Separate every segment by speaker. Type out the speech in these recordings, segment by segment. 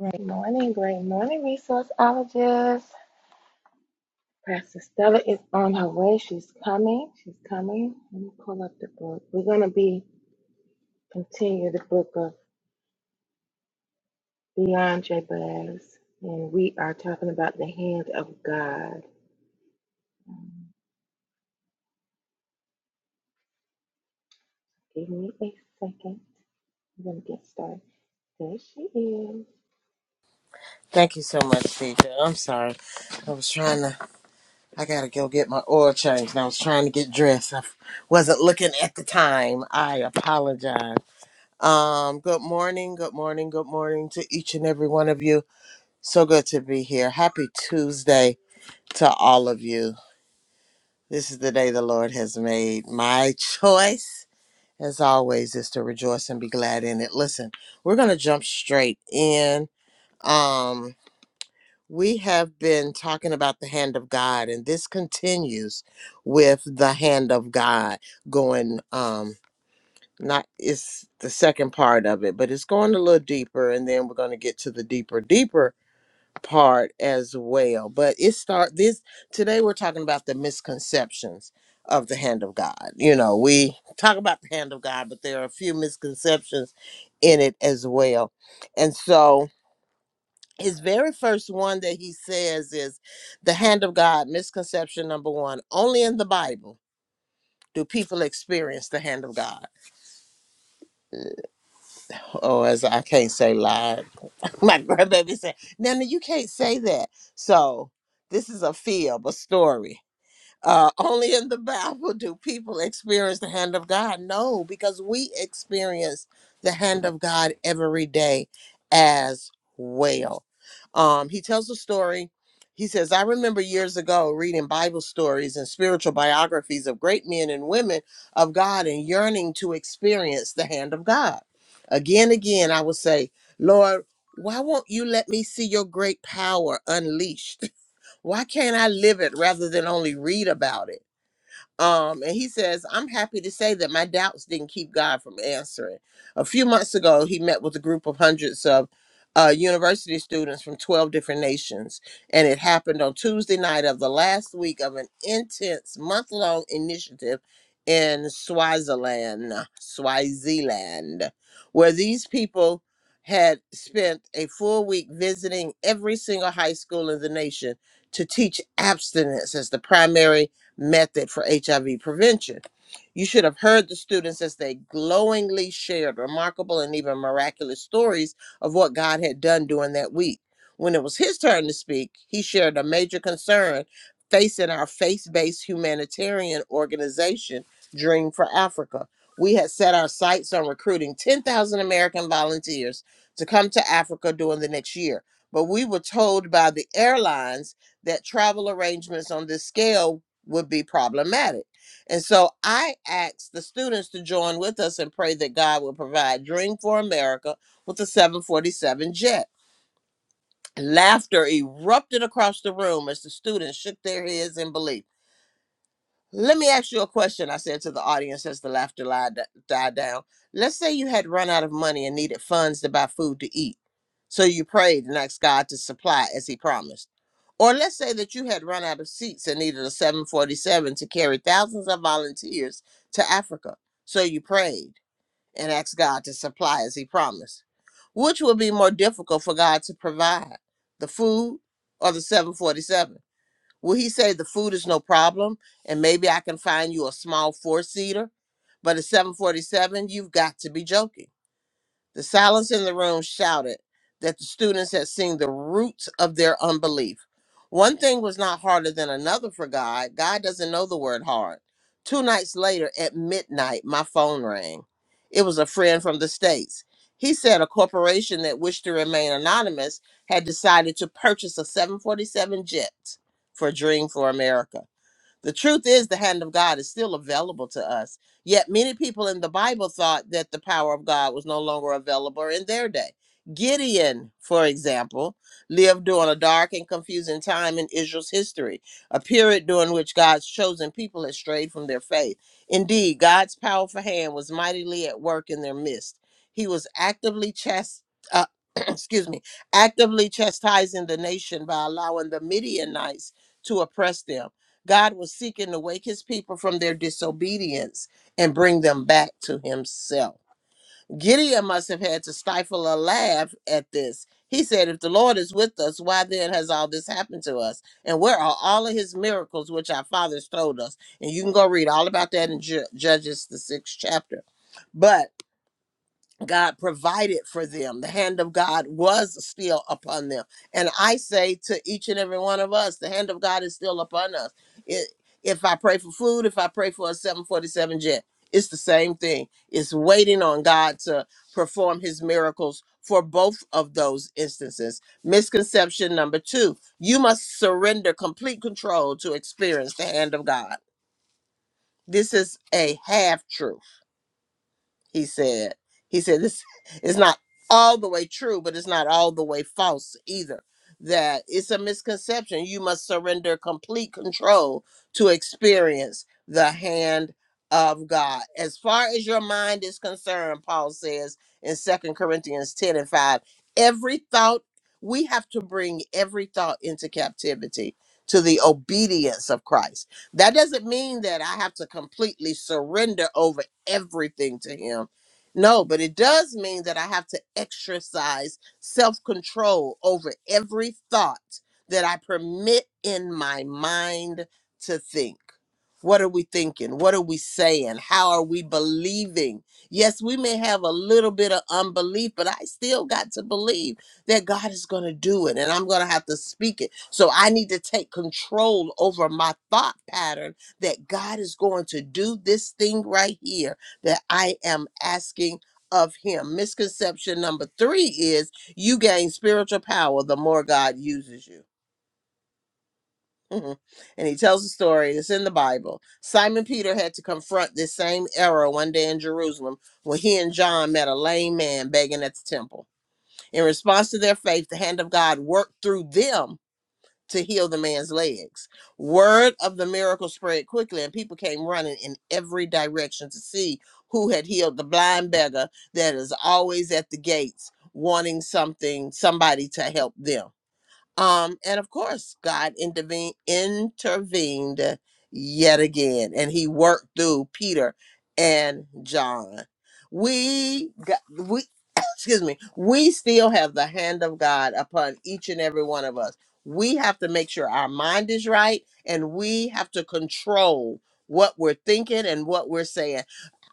Speaker 1: Great morning, great morning, resourceologist. Pastor Stella is on her way. She's coming. She's coming. Let me pull up the book. We're going to be continue the book of Beyond Jabez, and we are talking about the hand of God. Um, Give me a second. I'm going to get started. There she is.
Speaker 2: Thank you so much, teacher. I'm sorry. I was trying to, I gotta go get my oil changed and I was trying to get dressed. I f- wasn't looking at the time. I apologize. Um, good morning, good morning, good morning to each and every one of you. So good to be here. Happy Tuesday to all of you. This is the day the Lord has made. My choice, as always, is to rejoice and be glad in it. Listen, we're gonna jump straight in. Um, We have been talking about the hand of God, and this continues with the hand of God going. Um, not it's the second part of it, but it's going a little deeper, and then we're going to get to the deeper, deeper part as well. But it start this today. We're talking about the misconceptions of the hand of God. You know, we talk about the hand of God, but there are a few misconceptions in it as well, and so his very first one that he says is the hand of God, misconception number one. Only in the Bible do people experience the hand of God. Oh, as I can't say lied. My grandbaby said, Nana, you can't say that. So this is a fib, a story. uh, only in the Bible do people experience the hand of God. No, because we experience the hand of God every day as well. Um, he tells a story. He says, I remember years ago reading Bible stories and spiritual biographies of great men and women of God and yearning to experience the hand of God. Again, again, I would say, Lord, why won't you let me see your great power unleashed? Why can't I live it rather than only read about it? Um, and he says, I'm happy to say that my doubts didn't keep God from answering. A few months ago, he met with a group of hundreds of uh, university students from 12 different nations. And it happened on Tuesday night of the last week of an intense month long initiative in Swaziland, Swaziland, where these people had spent a full week visiting every single high school in the nation to teach abstinence as the primary method for HIV prevention. You should have heard the students as they glowingly shared remarkable and even miraculous stories of what God had done during that week. When it was his turn to speak, he shared a major concern facing our faith based humanitarian organization, Dream for Africa. We had set our sights on recruiting 10,000 American volunteers to come to Africa during the next year. But we were told by the airlines that travel arrangements on this scale would be problematic. And so I asked the students to join with us and pray that God will provide Dream for America with a 747 jet. Laughter erupted across the room as the students shook their heads in belief. Let me ask you a question, I said to the audience as the laughter lied, died down. Let's say you had run out of money and needed funds to buy food to eat. So you prayed and asked God to supply as he promised. Or let's say that you had run out of seats and needed a 747 to carry thousands of volunteers to Africa. So you prayed and asked God to supply as he promised. Which would be more difficult for God to provide, the food or the 747? Will he say the food is no problem and maybe I can find you a small four seater? But at 747, you've got to be joking. The silence in the room shouted that the students had seen the roots of their unbelief. One thing was not harder than another for God. God doesn't know the word hard. Two nights later, at midnight, my phone rang. It was a friend from the States. He said a corporation that wished to remain anonymous had decided to purchase a 747 jet for a Dream for America. The truth is, the hand of God is still available to us. Yet many people in the Bible thought that the power of God was no longer available in their day. Gideon, for example, lived during a dark and confusing time in Israel's history, a period during which God's chosen people had strayed from their faith. Indeed, God's powerful hand was mightily at work in their midst. He was actively chast- uh, excuse me, actively chastising the nation by allowing the Midianites to oppress them God was seeking to wake his people from their disobedience and bring them back to himself. Gideon must have had to stifle a laugh at this. He said, If the Lord is with us, why then has all this happened to us? And where are all of his miracles which our fathers told us? And you can go read all about that in Ju- Judges, the sixth chapter. But God provided for them. The hand of God was still upon them. And I say to each and every one of us, the hand of God is still upon us. It, if I pray for food, if I pray for a 747 jet, it's the same thing. It's waiting on God to perform his miracles for both of those instances. Misconception number two you must surrender complete control to experience the hand of God. This is a half truth he said. He said this is not all the way true, but it's not all the way false either. That it's a misconception. You must surrender complete control to experience the hand of God. As far as your mind is concerned, Paul says in Second Corinthians 10 and 5, every thought, we have to bring every thought into captivity to the obedience of Christ. That doesn't mean that I have to completely surrender over everything to him. No, but it does mean that I have to exercise self control over every thought that I permit in my mind to think. What are we thinking? What are we saying? How are we believing? Yes, we may have a little bit of unbelief, but I still got to believe that God is going to do it and I'm going to have to speak it. So I need to take control over my thought pattern that God is going to do this thing right here that I am asking of him. Misconception number three is you gain spiritual power the more God uses you. Mhm. and he tells a story, it's in the Bible. Simon Peter had to confront this same error one day in Jerusalem when he and John met a lame man begging at the temple. In response to their faith, the hand of God worked through them to heal the man's legs. Word of the miracle spread quickly, and people came running in every direction to see who had healed the blind beggar that is always at the gates wanting something, somebody to help them. Um, and of course, God intervene, intervened yet again, and He worked through Peter and John. We got we. Excuse me. We still have the hand of God upon each and every one of us. We have to make sure our mind is right, and we have to control what we're thinking and what we're saying.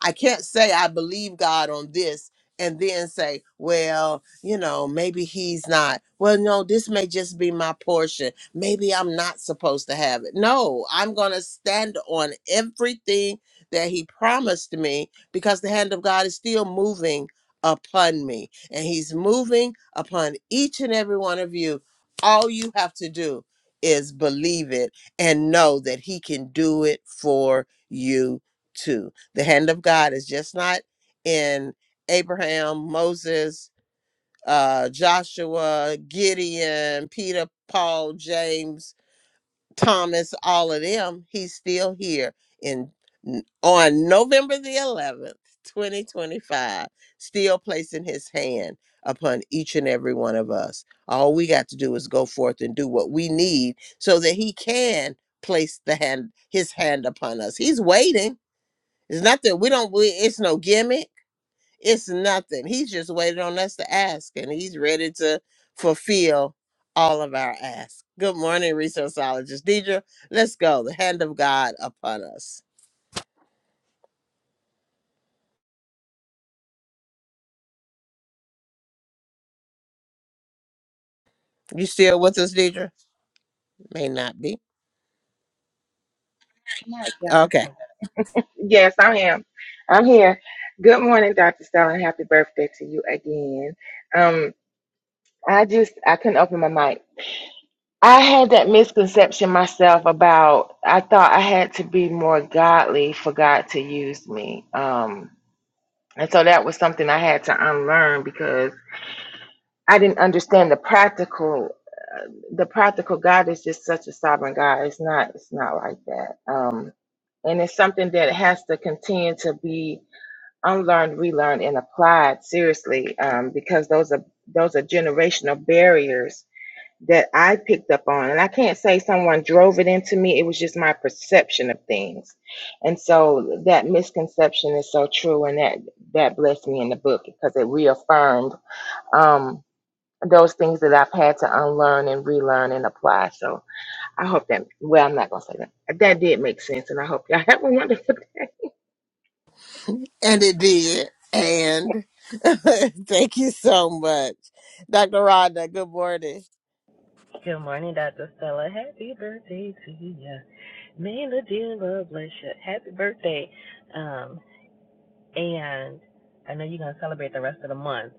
Speaker 2: I can't say I believe God on this and then say, well, you know, maybe he's not. Well, no, this may just be my portion. Maybe I'm not supposed to have it. No, I'm going to stand on everything that he promised me because the hand of God is still moving upon me and he's moving upon each and every one of you. All you have to do is believe it and know that he can do it for you too. The hand of God is just not in Abraham, Moses, uh, Joshua, Gideon, Peter, Paul, James, Thomas, all of them, he's still here in on November the 11th, 2025, still placing his hand upon each and every one of us. All we got to do is go forth and do what we need so that he can place the hand his hand upon us. He's waiting. It's not that we don't we, it's no gimmick. It's nothing. He's just waiting on us to ask, and he's ready to fulfill all of our asks. Good morning, resourceologist Deidre. Let's go. The hand of God upon us. You still with us, Deidre? May not be.
Speaker 1: I'm right here. I'm
Speaker 2: Okay.
Speaker 1: sorry. Yes, I am. I'm here. Good morning, Dr. Stella, and happy birthday to you again. Um, I just I couldn't open my mic. I had that misconception myself about I thought I had to be more godly for God to use me. Um and so that was something I had to unlearn because I didn't understand the practical the practical God is just such a sovereign God. It's not it's not like that. Um and it's something that has to continue to be unlearned, relearned, and applied seriously, um, because those are those are generational barriers that I picked up on, and I can't say someone drove it into me, it was just my perception of things. And so that misconception is so true, and that that blessed me in the book because it reaffirmed um, those things that I've had to unlearn and relearn and apply. So I hope that, well, I'm not going to say that. That did make sense, and I hope y'all have a wonderful
Speaker 2: And it did. And thank you so much. Dr. Rhonda, good morning.
Speaker 3: Good morning, Dr. Stella. Happy birthday to you. May the dear Lord bless you. Happy birthday. Um, and I know you're going to celebrate the rest of the month,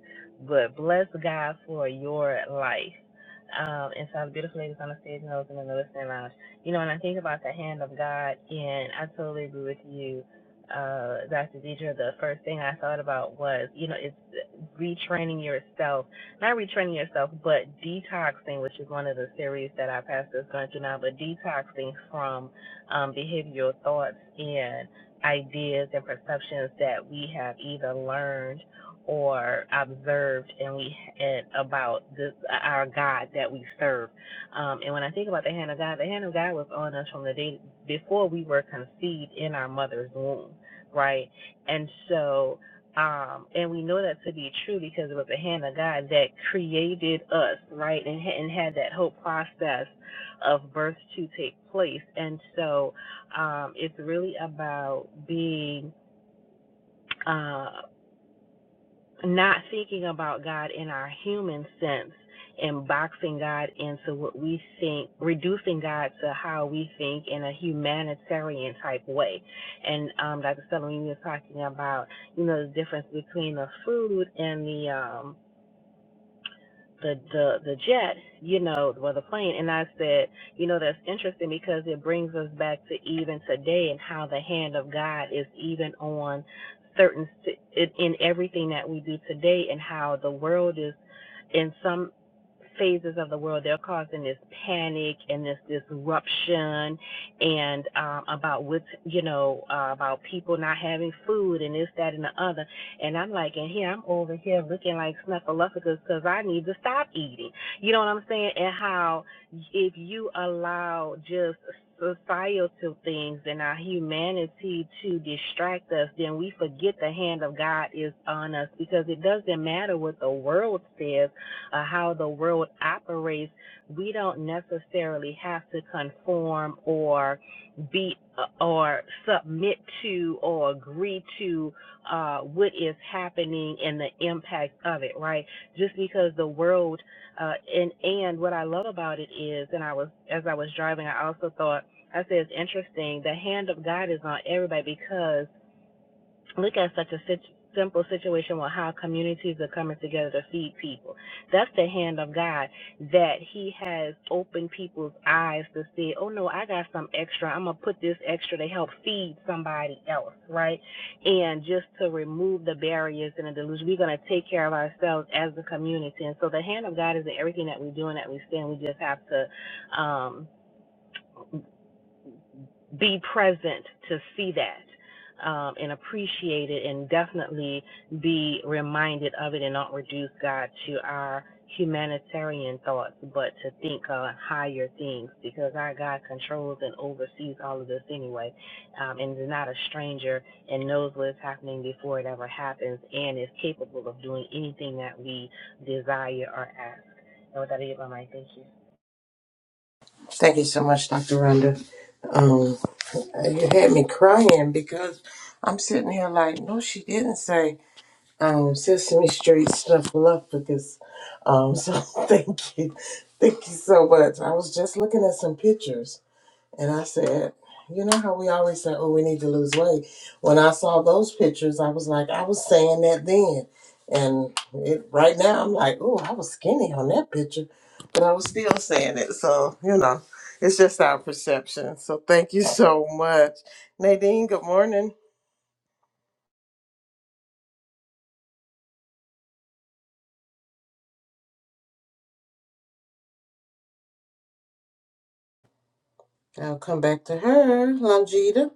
Speaker 3: but bless God for your life. Um, and so the beautiful ladies on the stage and those in the listening lounge. You know, when I think about the hand of God, and I totally agree with you, uh, Dr. Deidre. The first thing I thought about was, you know, it's retraining yourself. Not retraining yourself, but detoxing, which is one of the series that our pastor is going through now, but detoxing from um, behavioral thoughts and ideas and perceptions that we have either learned or observed and we and about this our God that we serve. Um, and when I think about the hand of God, the hand of God was on us from the day before we were conceived in our mother's womb, right? And so um, and we know that to be true because it was the hand of God that created us, right? And, and had that whole process of birth to take place. And so um, it's really about being uh, not thinking about God in our human sense and boxing God into what we think, reducing God to how we think in a humanitarian type way. And um, Dr. Stelling, you were talking about, you know, the difference between the food and the um, the the the jet, you know, well the plane, and I said, you know, that's interesting because it brings us back to even today and how the hand of God is even on certain si- in in everything that we do today and how the world is in some phases of the world they're causing this panic and this disruption and um about what's you know uh, about people not having food and this that and the other and I'm like, and here I'm over here looking like snuffleupagus because I need to stop eating. You know what I'm saying? And how if you allow just societal things and our humanity to distract us, then we forget the hand of God is on us because it doesn't matter what the world says or how the world operates. We don't necessarily have to conform or be or submit to or agree to uh, what is happening and the impact of it, right? Just because the world, uh, and and what I love about it is, and I was as I was driving, I also thought I said it's interesting. The hand of God is on everybody because Look at such a sit- simple situation with how communities are coming together to feed people. That's the hand of God that He has opened people's eyes to see, oh no, I got some extra. I'm going to put this extra to help feed somebody else, right? And just to remove the barriers and the delusion, we're going to take care of ourselves as a community. And so the hand of God is in everything that we do and that we stand. We just have to. um be present to see that um, and appreciate it and definitely be reminded of it and not reduce God to our humanitarian thoughts, but to think on higher things because our God controls and oversees all of this anyway um, and is not a stranger and knows what is happening before it ever happens and is capable of doing anything that we desire or ask. And with that, I yield my mic. Thank you.
Speaker 2: Thank you so much, Dr. Rhonda. Um, you had me crying because I'm sitting here like, no, she didn't say. um, Sesame Street Snuffleupagus. Um, so thank you, thank you so much. I was just looking at some pictures, and I said, you know how we always say, oh, we need to lose weight. When I saw those pictures, I was like, I was saying that then, and it, right now I'm like, oh, I was skinny on that picture, but I was still saying it. So you know, it's just our perception. So thank you so much, Nadine. Good morning. I'll come back to her, Longita.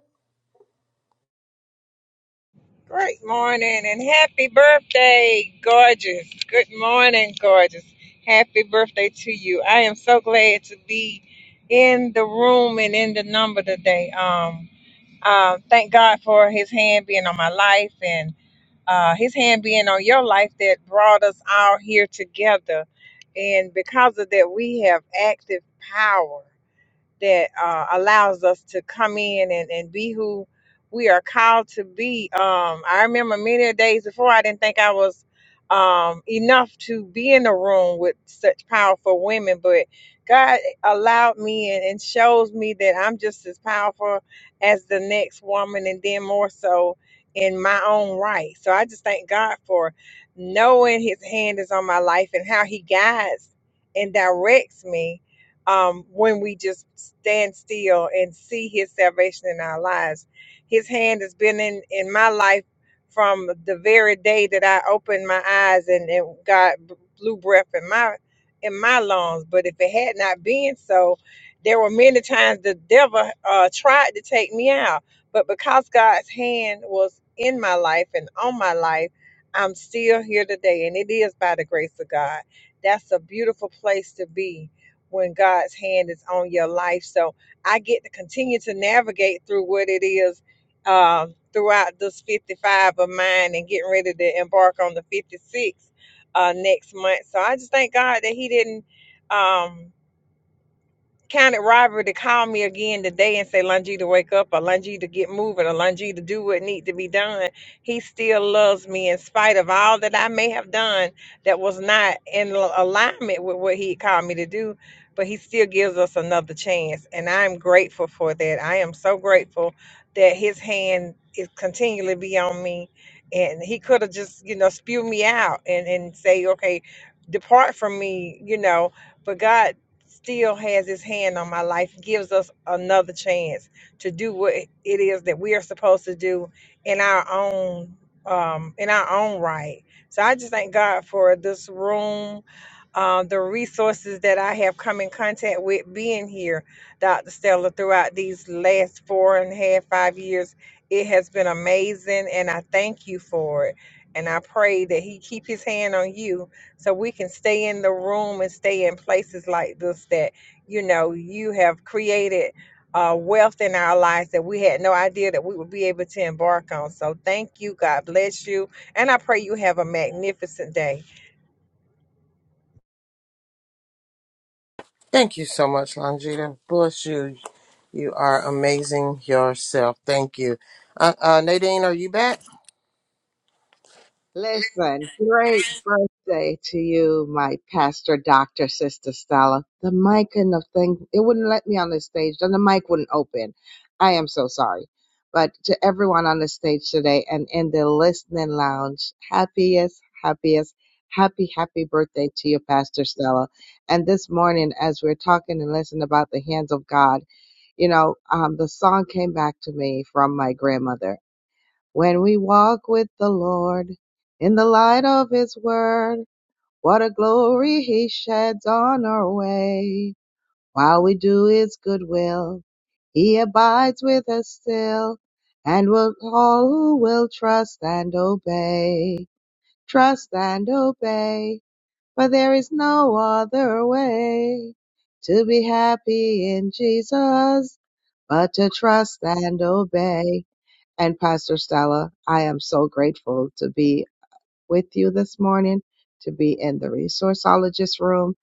Speaker 4: Great morning and happy birthday, gorgeous. Good morning, gorgeous. Happy birthday to you. I am so glad to be in the room and in the number today. Um, uh, thank God for His hand being on my life and uh, His hand being on your life that brought us all here together. And because of that, we have active power that uh, allows us to come in and, and be who we are called to be. Um, I remember many a days before I didn't think I was um, enough to be in the room with such powerful women, but God allowed me and, and shows me that I'm just as powerful as the next woman, and then more so in my own right. So I just thank God for knowing His hand is on my life and how He guides and directs me um, when we just stand still and see his salvation in our lives. His hand has been in, in my life from the very day that I opened my eyes and, and God b- blew breath in my in my lungs. But if it had not been so, there were many times the devil uh, tried to take me out. But because God's hand was in my life and on my life, I'm still here today. And it is by the grace of God. That's a beautiful place to be when God's hand is on your life. So I get to continue to navigate through what it is um, throughout this 55 of mine and getting ready to embark on the 56 uh, next month. So I just thank God that He didn't. Um, counted robbery to call me again today and say, Lungi to wake up, or Lungi to get moving, or Lungi to do what need to be done, he still loves me in spite of all that I may have done that was not in al- alignment with what he called me to do. But he still gives us another chance. And I'm grateful for that. I am so grateful that his hand is continually be on me. And he could have just, you know, spew me out and, and say, okay, depart from me, you know. But God still has his hand on my life, gives us another chance to do what it is that we are supposed to do in our own um in our own right. So I just thank God for this room uh, the resources that I have come in contact with being here, Dr. Stella, throughout these last four and a half, five years. It has been amazing, and I thank you for it. And I pray that He keep His hand on you, so we can stay in the room and stay in places like this. That you know you have created uh, wealth in our lives that we had no idea that we would be able to embark on. So thank you. God bless you, and I pray you have a magnificent day.
Speaker 2: Thank you so much, Longita. Bless you. You are amazing yourself. Thank you. Uh, uh, Nadine, are you back?
Speaker 5: Listen, great birthday to you, my pastor, doctor, sister Stella. The mic and the thing, it wouldn't let me on this stage, and the mic wouldn't open. I am so sorry. But to everyone on the stage today and in the listening lounge, happiest, happiest, happy, happy birthday to you, Pastor Stella. And this morning, as we're talking and listening about the hands of God, you know, um, the song came back to me from my grandmother when we walk with the Lord in the light of His word, what a glory He sheds on our way. While we do His good will, He abides with us still, and will all who will trust and obey. Trust and obey, for there is no other way to be happy in Jesus but to trust and obey and Pastor Stella. I am so grateful to be with you this morning, to be in the resourceologist room,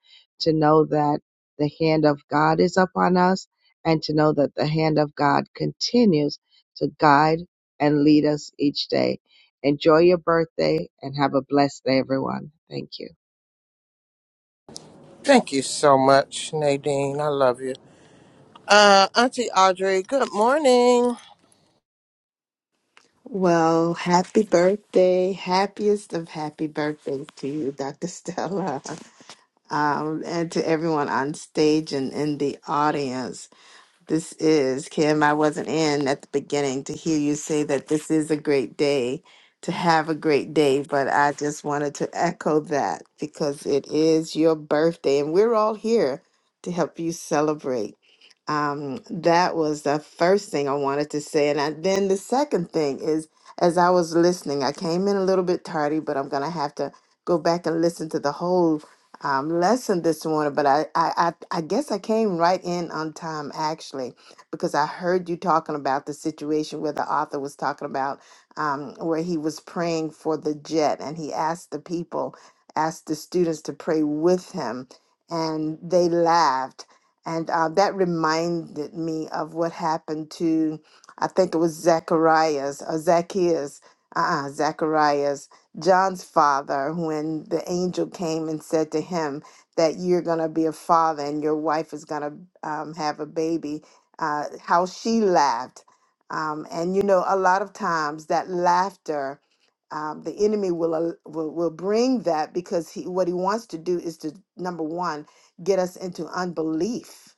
Speaker 5: to know that the hand of God is upon us, and to know that the hand of God continues to guide and lead us each day. Enjoy your birthday and have a blessed day, everyone. Thank you.
Speaker 2: Thank you so much, Nadine. I love you. Uh, Auntie Audrey, good morning.
Speaker 6: Well, happy birthday. Happiest of happy birthdays to you, Dr. Stella. Um, and to everyone on stage and in the audience. This is, Kim, I wasn't in at the beginning to hear you say that this is a great day, to have a great day, but I just wanted to echo that because it is your birthday and we're all here to help you celebrate. Um, that was the first thing I wanted to say. And I, then the second thing is, as I was listening, I came in a little bit tardy, but I'm going to have to go back and listen to the whole um, lesson this morning, but I, I, I, I guess I came right in on time actually, because I heard you talking about the situation where the author was talking about um, where he was praying for the jet and he asked the people, asked the students to pray with him, and they laughed. And uh, that reminded me of what happened to, I think it was Zacharias or Zacchaeus, uh-uh, Zacharias John's father when the angel came and said to him that you're going to be a father and your wife is going to um, have a baby, uh, how she laughed. Um, and you know, a lot of times that laughter, um, the enemy will, al- will will bring that because he what he wants to do is to number one get us into unbelief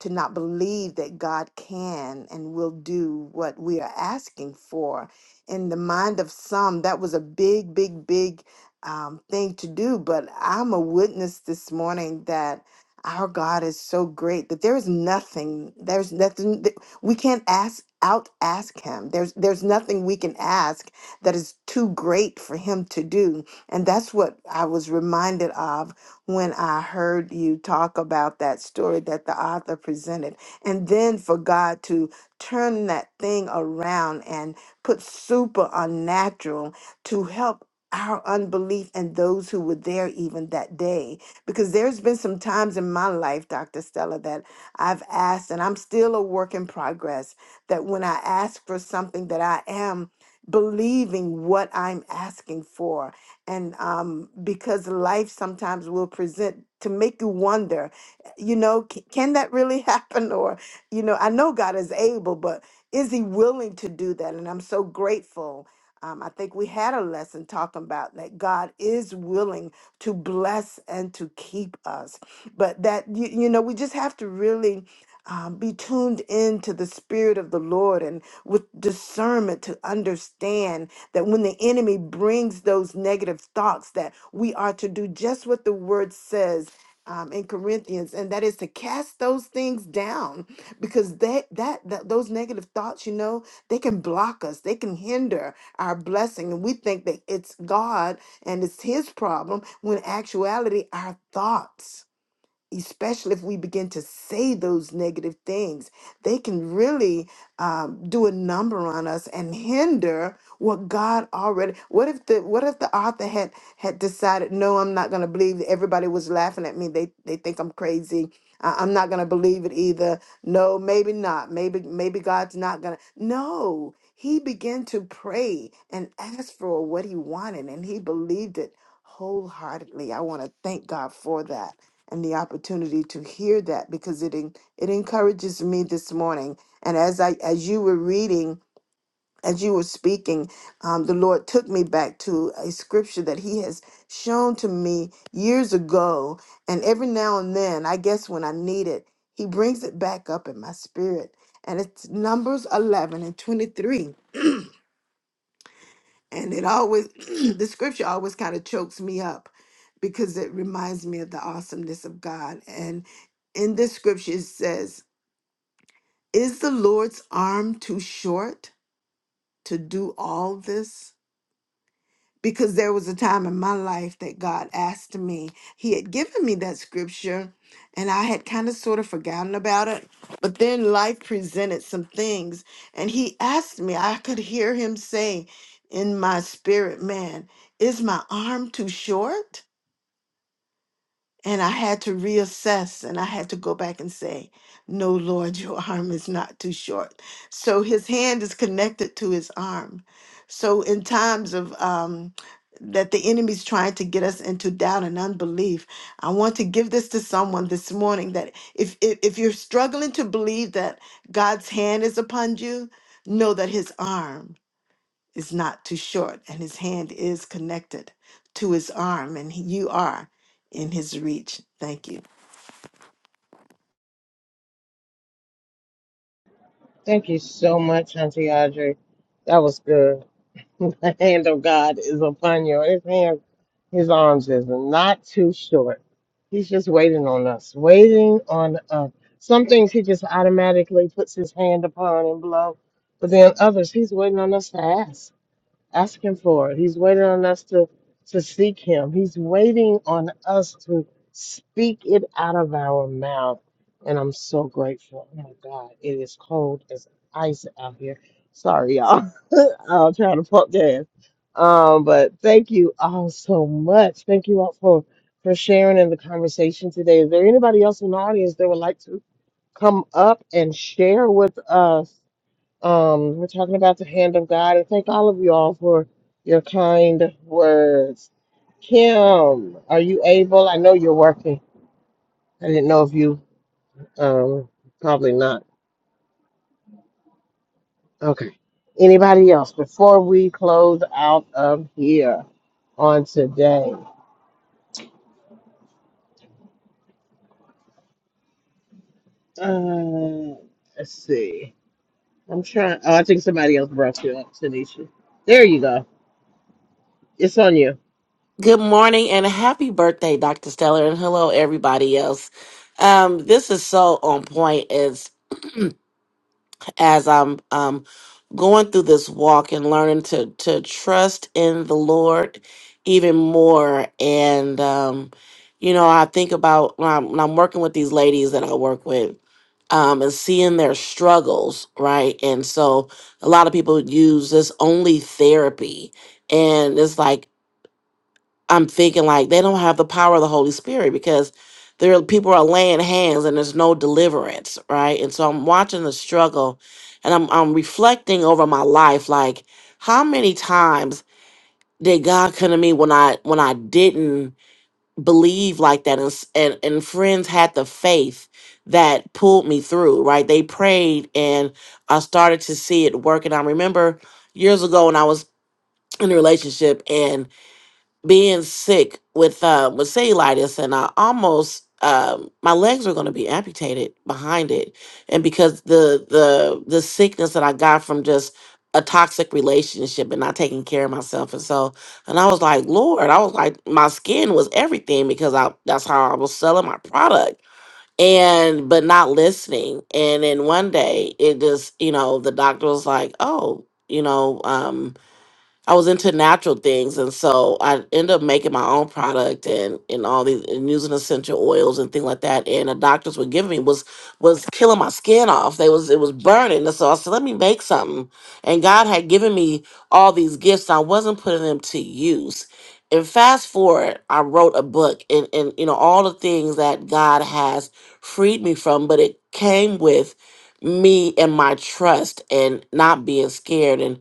Speaker 6: to not believe that God can and will do what we are asking for. In the mind of some, that was a big, big, big um, thing to do. But I'm a witness this morning that our God is so great that there is nothing, there's nothing that we can't ask out ask him there's there's nothing we can ask that is too great for him to do and that's what i was reminded of when I heard you talk about that story that the author presented. And then for God to turn that thing around and put super unnatural to help our unbelief and those who were there even that day. Because there's been some times in my life, Dr. Stella, that I've asked, and I'm still a work in progress, that when I ask for something that I am believing what I'm asking for, and um, because life sometimes will present to make you wonder, you know, c- can that really happen? Or, you know, I know God is able, but is He willing to do that? And I'm so grateful. Um, I think we had a lesson talking about that God is willing to bless and to keep us, but that you, you know we just have to really um, be tuned in to the Spirit of the Lord and with discernment to understand that when the enemy brings those negative thoughts, that we are to do just what the Word says. Um, in Corinthians, and that is to cast those things down because that, that that those negative thoughts, you know, they can block us, they can hinder our blessing, and we think that it's God and it's His problem. When in actuality, our thoughts especially if we begin to say those negative things, they can really um, do a number on us and hinder what God already. What if the What if the author had had decided, no, I'm not going to believe it. Everybody was laughing at me. They they think I'm crazy. I, I'm not going to believe it either. No, maybe not. Maybe maybe God's not going to. No. He began to pray and ask for what he wanted, and he believed it wholeheartedly. I want to thank God for that and the opportunity to hear that because it en- it encourages me this morning. And as I as you were reading, as you were speaking, um, the Lord took me back to a scripture that He has shown to me years ago. And every now and then, I guess when I need it, He brings it back up in my spirit. And it's Numbers eleven and twenty three and it always the scripture always kind of chokes me up because it reminds me of the awesomeness of God and in this scripture it says is the Lord's arm too short to do all this because there was a time in my life that God asked me. He had given me that scripture and I had kind of sort of forgotten about it. But then life presented some things and he asked me, I could hear him say in my spirit, man, is my arm too short? And I had to reassess and I had to go back and say, No, Lord, your arm is not too short. So his hand is connected to his arm. So in times of um, that the enemy's trying to get us into doubt and unbelief, I want to give this to someone this morning that if, if, if you're struggling to believe that God's hand is upon you, know that his arm is not too short, and his hand is connected to his arm, and he- you are in his reach. Thank you.
Speaker 2: Thank you so much, Auntie Audrey. That was good. The hand of God is upon you. His hand, his arms is not too short. He's just waiting on us, waiting on us. Some things he just automatically puts his hand upon and blow, but then others he's waiting on us to ask. Ask him for it. He's waiting on us to, to seek him. He's waiting on us to speak it out of our mouth. And I'm so grateful. Oh my God, it is cold as ice out here. Sorry, y'all. I'm trying to pump gas. Um, but thank you all so much. Thank you all for for sharing in the conversation today. Is there anybody else in the audience that would like to come up and share with us? Um, we're talking about the hand of God, and thank all of you all for your kind words. Kim, are you able? I know you're working. I didn't know if you, um, probably not. Okay. Anybody else before we close out of here on today? Uh, let's see. I'm trying. Oh, I think somebody else brought you up, Tanisha. There you go. It's on you.
Speaker 7: Good morning and happy birthday, Dr. Stellar, and hello everybody else. Um, this is so on point as as I'm um going through this walk and learning to to trust in the Lord even more. And um, you know, I think about when I'm, when I'm working with these ladies that I work with, um, and seeing their struggles, right? And so a lot of people use this only therapy, and it's like I'm thinking like they don't have the power of the Holy Spirit because there are, people are laying hands and there's no deliverance, right? And so I'm watching the struggle, and I'm I'm reflecting over my life, like how many times did God come to me when I when I didn't believe like that, and s- and, and friends had the faith that pulled me through, right? They prayed, and I started to see it work. And I remember years ago when I was in a relationship being sick with uh, with cellulitis, and I almost um, my legs were going to be amputated behind it, and because the the the sickness that I got from just a toxic relationship and not taking care of myself, and so and I was like, Lord, I was like, my skin was everything because I that's how I was selling my product. And but not listening, and then one day it just you know the doctor was like, oh, you know, um, I was into natural things, and so I ended up making my own product and and all these and using essential oils and things like that. And the doctors were giving me was was killing my skin off. They was it was burning, and so I said, let me make something. And God had given me all these gifts. I wasn't putting them to use. And fast forward, I wrote a book, and and you know all the things that God has freed me from, but it came with me and my trust and not being scared and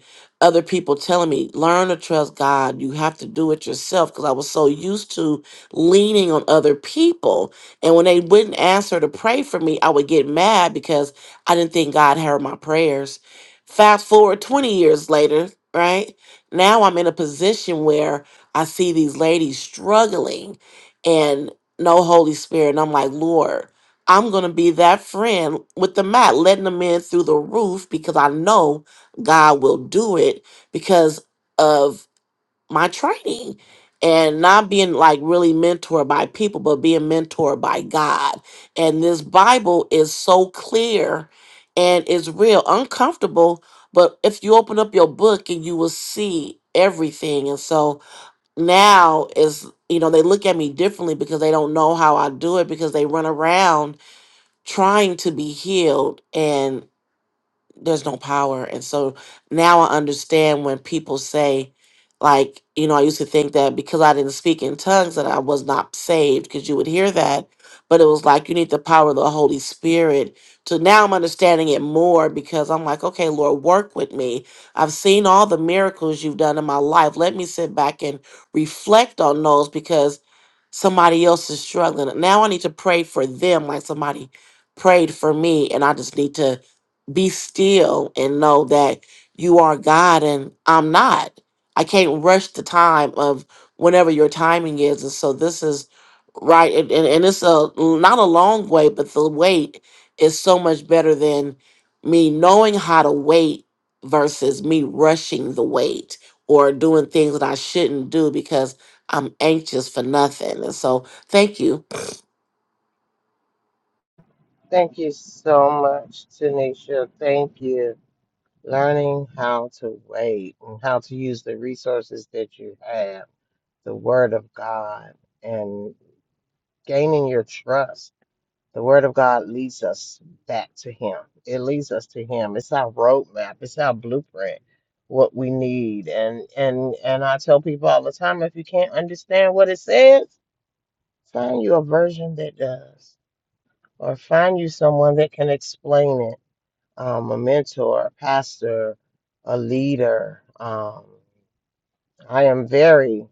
Speaker 7: other people telling me, learn to trust God. You have to do it yourself. Because I was so used to leaning on other people. And when they wouldn't answer to pray for me, I would get mad because I didn't think God heard my prayers. Fast forward 20 years later, right? Now I'm in a position where I see these ladies struggling and no Holy Spirit. And I'm like, Lord, I'm going to be that friend with the mat, letting them in through the roof because I know God will do it because of my training and not being like really mentored by people, but being mentored by God. And this Bible is so clear and it's real, uncomfortable. But if you open up your book and you will see everything. And so now is, you know, they look at me differently because they don't know how I do it because they run around trying to be healed. and there's no power. And so now I understand when people say, like, you know, I used to think that because I didn't speak in tongues that I was not saved, because you would hear that. But it was like you need the power of the Holy Spirit. So now I'm understanding it more because I'm like, okay, Lord, work with me. I've seen all the miracles you've done in my life. Let me sit back and reflect on those because somebody else is struggling. Now I need to pray for them like somebody prayed for me. And I just need to be still and know that you are God and I'm not. I can't rush the time of whenever your timing is. And so this is right. And, and, and it's a not a long way, but the wait is so much better than me knowing how to wait versus me rushing the wait or doing things that I shouldn't do because I'm anxious for nothing. And so thank you
Speaker 2: Thank you so much, Tanisha. Thank you. learning how to wait and how to use the resources that you have, the Word of God, and gaining your trust. The Word of God leads us back to Him, it leads us to Him. It's our roadmap, it's our blueprint. What we need, and and and I tell people all the time, if you can't understand what it says, find you a version that does, or find you someone that can explain it um, a mentor, a pastor, a leader. Um, I am very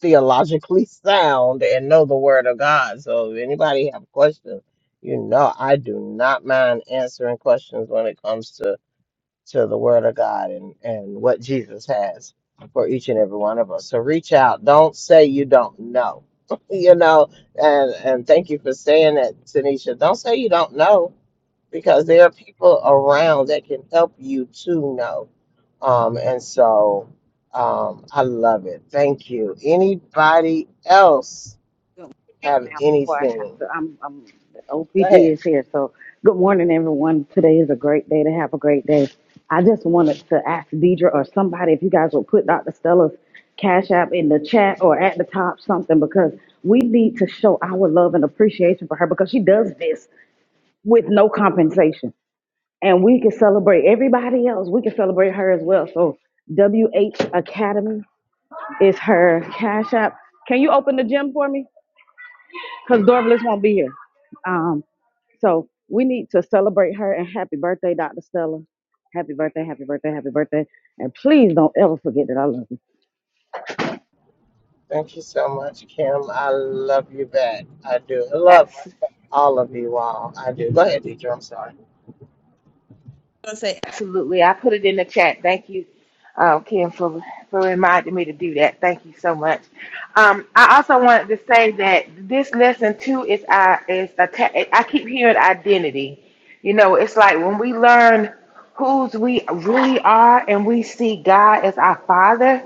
Speaker 2: theologically sound and know the word of God. So if anybody have questions, you know I do not mind answering questions when it comes to to the word of God and and what Jesus has for each and every one of us. So reach out. Don't say you don't know. you know, and and thank you for saying that, Tanisha. Don't say you don't know because there are people around that can help you to know. Um, and so um, I love it. Thank you. Anybody else
Speaker 8: Good morning
Speaker 2: have
Speaker 8: now before I have
Speaker 2: anything?
Speaker 8: to I'm I'm the
Speaker 2: Go
Speaker 8: OPD
Speaker 2: ahead.
Speaker 8: is here. So good morning everyone. Today is a great day to have a great day. I just wanted to ask Deidre or somebody if you guys will put Dr. Stella's Cash App in the chat or at the top something because we need to show our love and appreciation for her because she does this with no compensation. And we can celebrate everybody else. We can celebrate her as well. So WH Academy is her Cash App. Can you open the gym for me? because Dorvalis won't be here. Um, so we need to celebrate her and happy birthday, Dr. Stella. Happy birthday, happy birthday, happy birthday. And please don't ever forget that I love you.
Speaker 2: Thank you so much, Kim. I love you back. I do. I
Speaker 1: day.
Speaker 2: love all of you all. I do. Go ahead, Deidre. I'm sorry.
Speaker 1: say absolutely. I put it in the chat. Thank you, um, Kim, for for reminding me to do that. Thank you so much. Um, I also wanted to say that this lesson too is I is a I keep hearing identity. You know, it's like when we learn whose we really are, and we see God as our Father,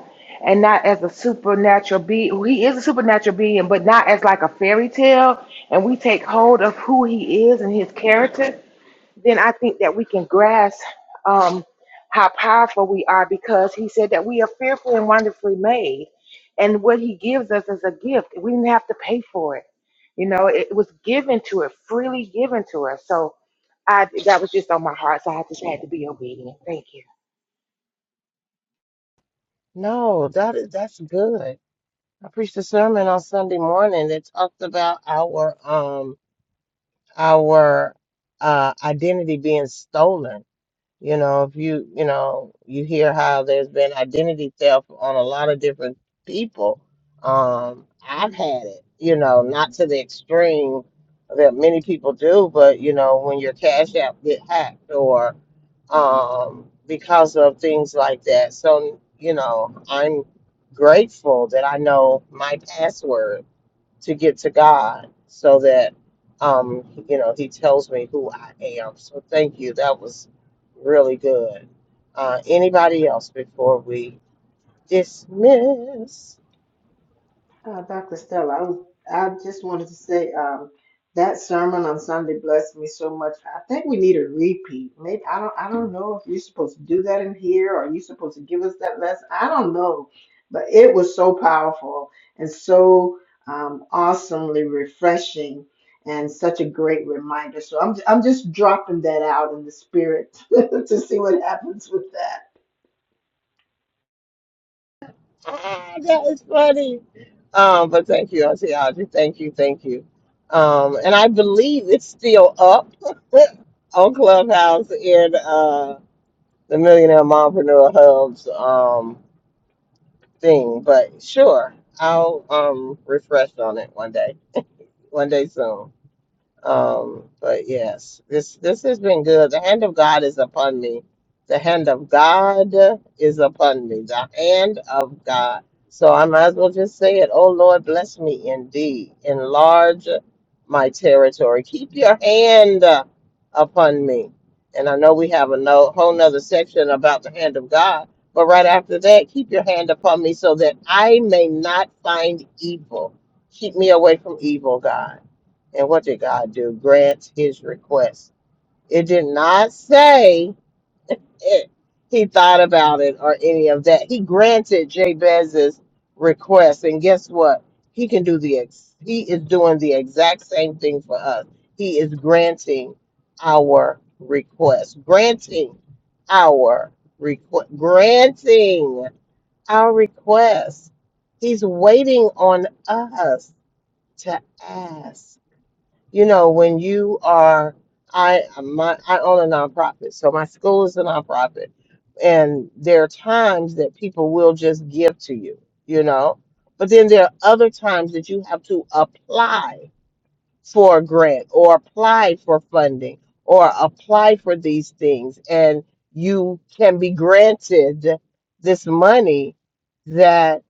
Speaker 1: and not as a supernatural being. He is a supernatural being, but not as like a fairy tale. And we take hold of who He is and His character then I think that we can grasp um, how powerful we are because he said that we are fearfully and wonderfully made. And what he gives us is a gift. We didn't have to pay for it. You know, it was given to us, freely given to us. So I that was just on my heart. So I just had to be obedient. Thank you.
Speaker 2: No, that is that's good. I preached a sermon on Sunday morning that talked about our um our uh identity being stolen You know, if you, you know, you hear how there's been identity theft on a lot of different people. Um, I've had it, you know, not to the extreme that many people do, but you know, when your cash app get hacked or um because of things like that. So, you know, I'm grateful that I know my password to get to God so that um you know he tells me who I am. So thank you. That was really good. Uh anybody else before we dismiss?
Speaker 6: Uh, Dr. Stella, I, was, I just wanted to say um, that sermon on Sunday blessed me so much. I think we need a repeat. Maybe I don't. I don't know if you're supposed to do that in here, or you're supposed to give us that lesson. I don't know, but it was so powerful and so um, awesomely refreshing, and such a great reminder. So I'm I'm just dropping that out in the spirit to see what happens with that.
Speaker 2: Ah, that is funny. Um but thank you, Auntie Audrey. Thank you, thank you. Um and I believe it's still up on Clubhouse in uh the Millionaire Mompreneur Hub's um thing. But sure, I'll um refresh on it one day. one day soon. Um, but yes, this this has been good. The hand of God is upon me. The hand of God is upon me. The hand of God. So I might as well just say it. Oh Lord, bless me indeed. Enlarge my territory. Keep your hand upon me. And I know we have a no, whole nother section about the hand of God. But right after that, keep your hand upon me so that I may not find evil. Keep me away from evil, God and what did God do? Grant his request. It did not say it. He thought about it or any of that. He granted Jabez's request, and guess what? He can do the ex- he is doing the exact same thing for us. He is granting our request, granting our request, granting our request. He's waiting on us to ask you know, when you are, I my I own a nonprofit, so my school is a nonprofit, and there are times that people will just give to you, you know, but then there are other times that you have to apply for a grant or apply for funding or apply for these things and you can be granted this money that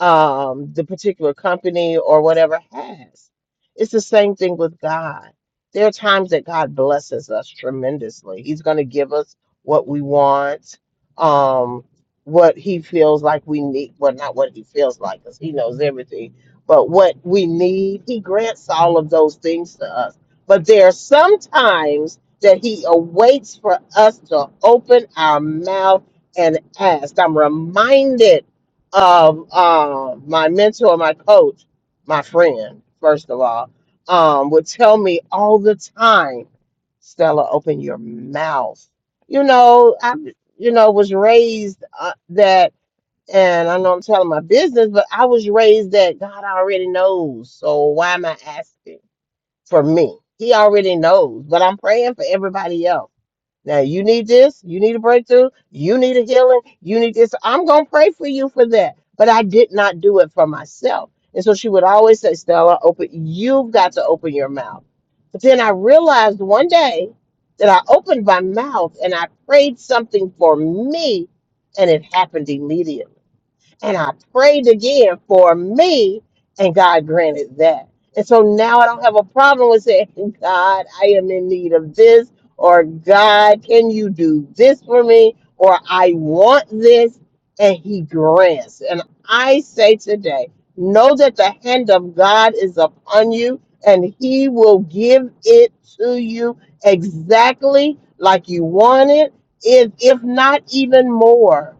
Speaker 2: um, the particular company or whatever has. It's the same thing with God. There are times that God blesses us tremendously. He's going to give us what we want, um, what He feels like we need. Well, not what He feels like, because He knows everything but what we need. He grants all of those things to us. But there are some times that He awaits for us to open our mouth and ask. I'm reminded of uh, my mentor, my coach, my friend, first of all, um, would tell me all the time, Stella, open your mouth. You know, I, you know, was raised uh, that and I know I'm telling my business, but I was raised that God already knows. So why am I asking for me? He already knows, but I'm praying for everybody else. Now, you need this, you need a breakthrough, you need a healing, you need this. I'm going to pray for you for that. But I did not do it for myself. And so she would always say, Stella, open, you've got to open your mouth. But then I realized one day that I opened my mouth and I prayed something for me, and it happened immediately. And I prayed again for me, and God granted that. And so now I don't have a problem with saying, God, I am in need of this, or God, can you do this for me, or I want this, and He grants. And I say today, know that the hand of God is upon you, and He will give it to you exactly like you want it, if, if not even more.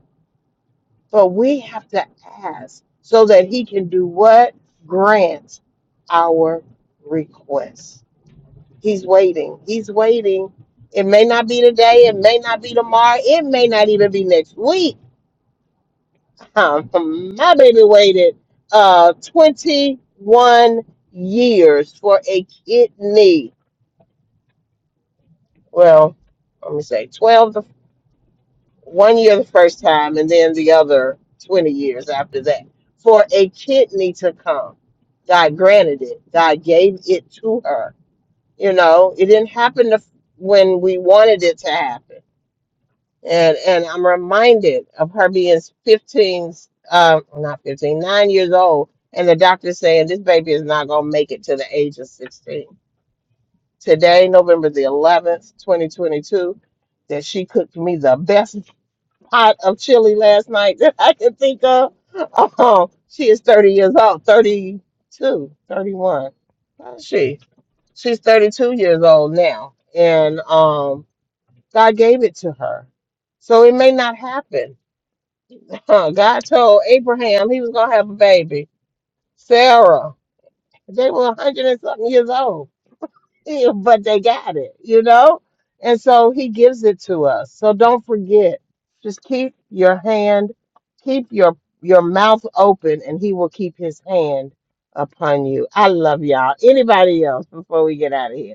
Speaker 2: But we have to ask so that he can do what? Grant our request. He's waiting. He's waiting. It may not be today. It may not be tomorrow. It may not even be next week. my baby waited uh, 21 years for a kidney. Well, let me say 12 to one year the first time and then the other 20 years after that for a kidney to come god granted it god gave it to her you know it didn't happen to, when we wanted it to happen and and i'm reminded of her being 15 um not 15 9 years old and the doctor saying this baby is not going to make it to the age of 16 today november the 11th 2022 that she cooked me the best pot of chili last night that I can think of. Oh, she is 30 years old, thirty two, thirty one. How is she? She's 32 years old now. And um, God gave it to her. So it may not happen. God told Abraham he was going to have a baby, Sarah. They were 100 and something years old but they got it, you know? And so he gives it to us. So don't forget. Just keep your hand, keep your your mouth open and he will keep his hand upon you. I love y'all. Anybody else before we get out of here?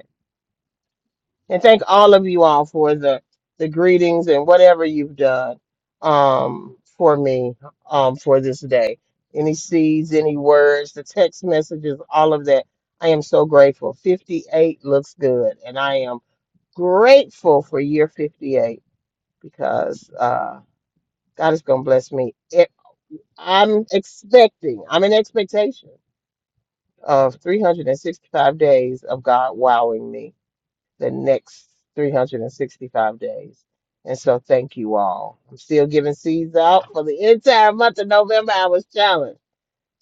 Speaker 2: And thank all of you all for the the greetings and whatever you've done um, for me um, for this day. Any seeds, any words, the text messages, all of that. I am so grateful. 58 looks good, and I am grateful for year 58 because uh, God is going to bless me. It, I'm expecting. I'm in expectation of 365 days of God wowing me the next 365 days. And so thank you all. I'm still giving seeds out for the entire month of November. I was challenged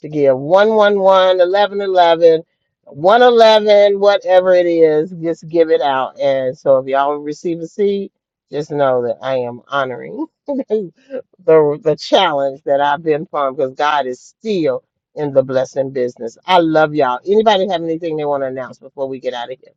Speaker 2: to give one, one, one, eleven, eleven, one, eleven, whatever it is, just give it out. And so if y'all receive a seed, just know that I am honoring the, the challenge that I've been from because God is still in the blessing business. I love y'all. Anybody have anything they want to announce before we get out of here?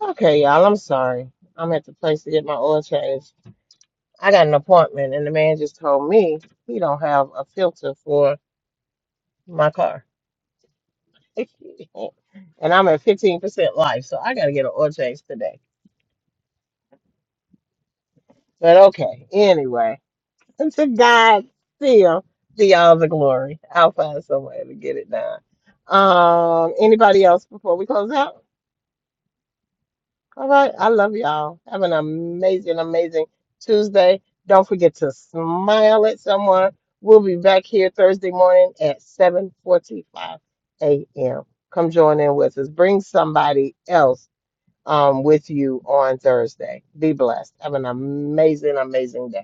Speaker 2: Okay, y'all, I'm sorry. I'm at the place to get my oil changed. I got an appointment, and the man just told me he don't have a filter for my car. and I'm at 15% life, so I got to get an oil change today. But okay, anyway, to God still be all the glory. I'll find some way to get it done. Um, anybody else before we close out? All right. I love y'all. Have an amazing, amazing Tuesday. Don't forget to smile at someone. We'll be back here Thursday morning at 7:45 a.m. Come join in with us. Bring somebody else um, with you on Thursday. Be blessed. Have an amazing, amazing day.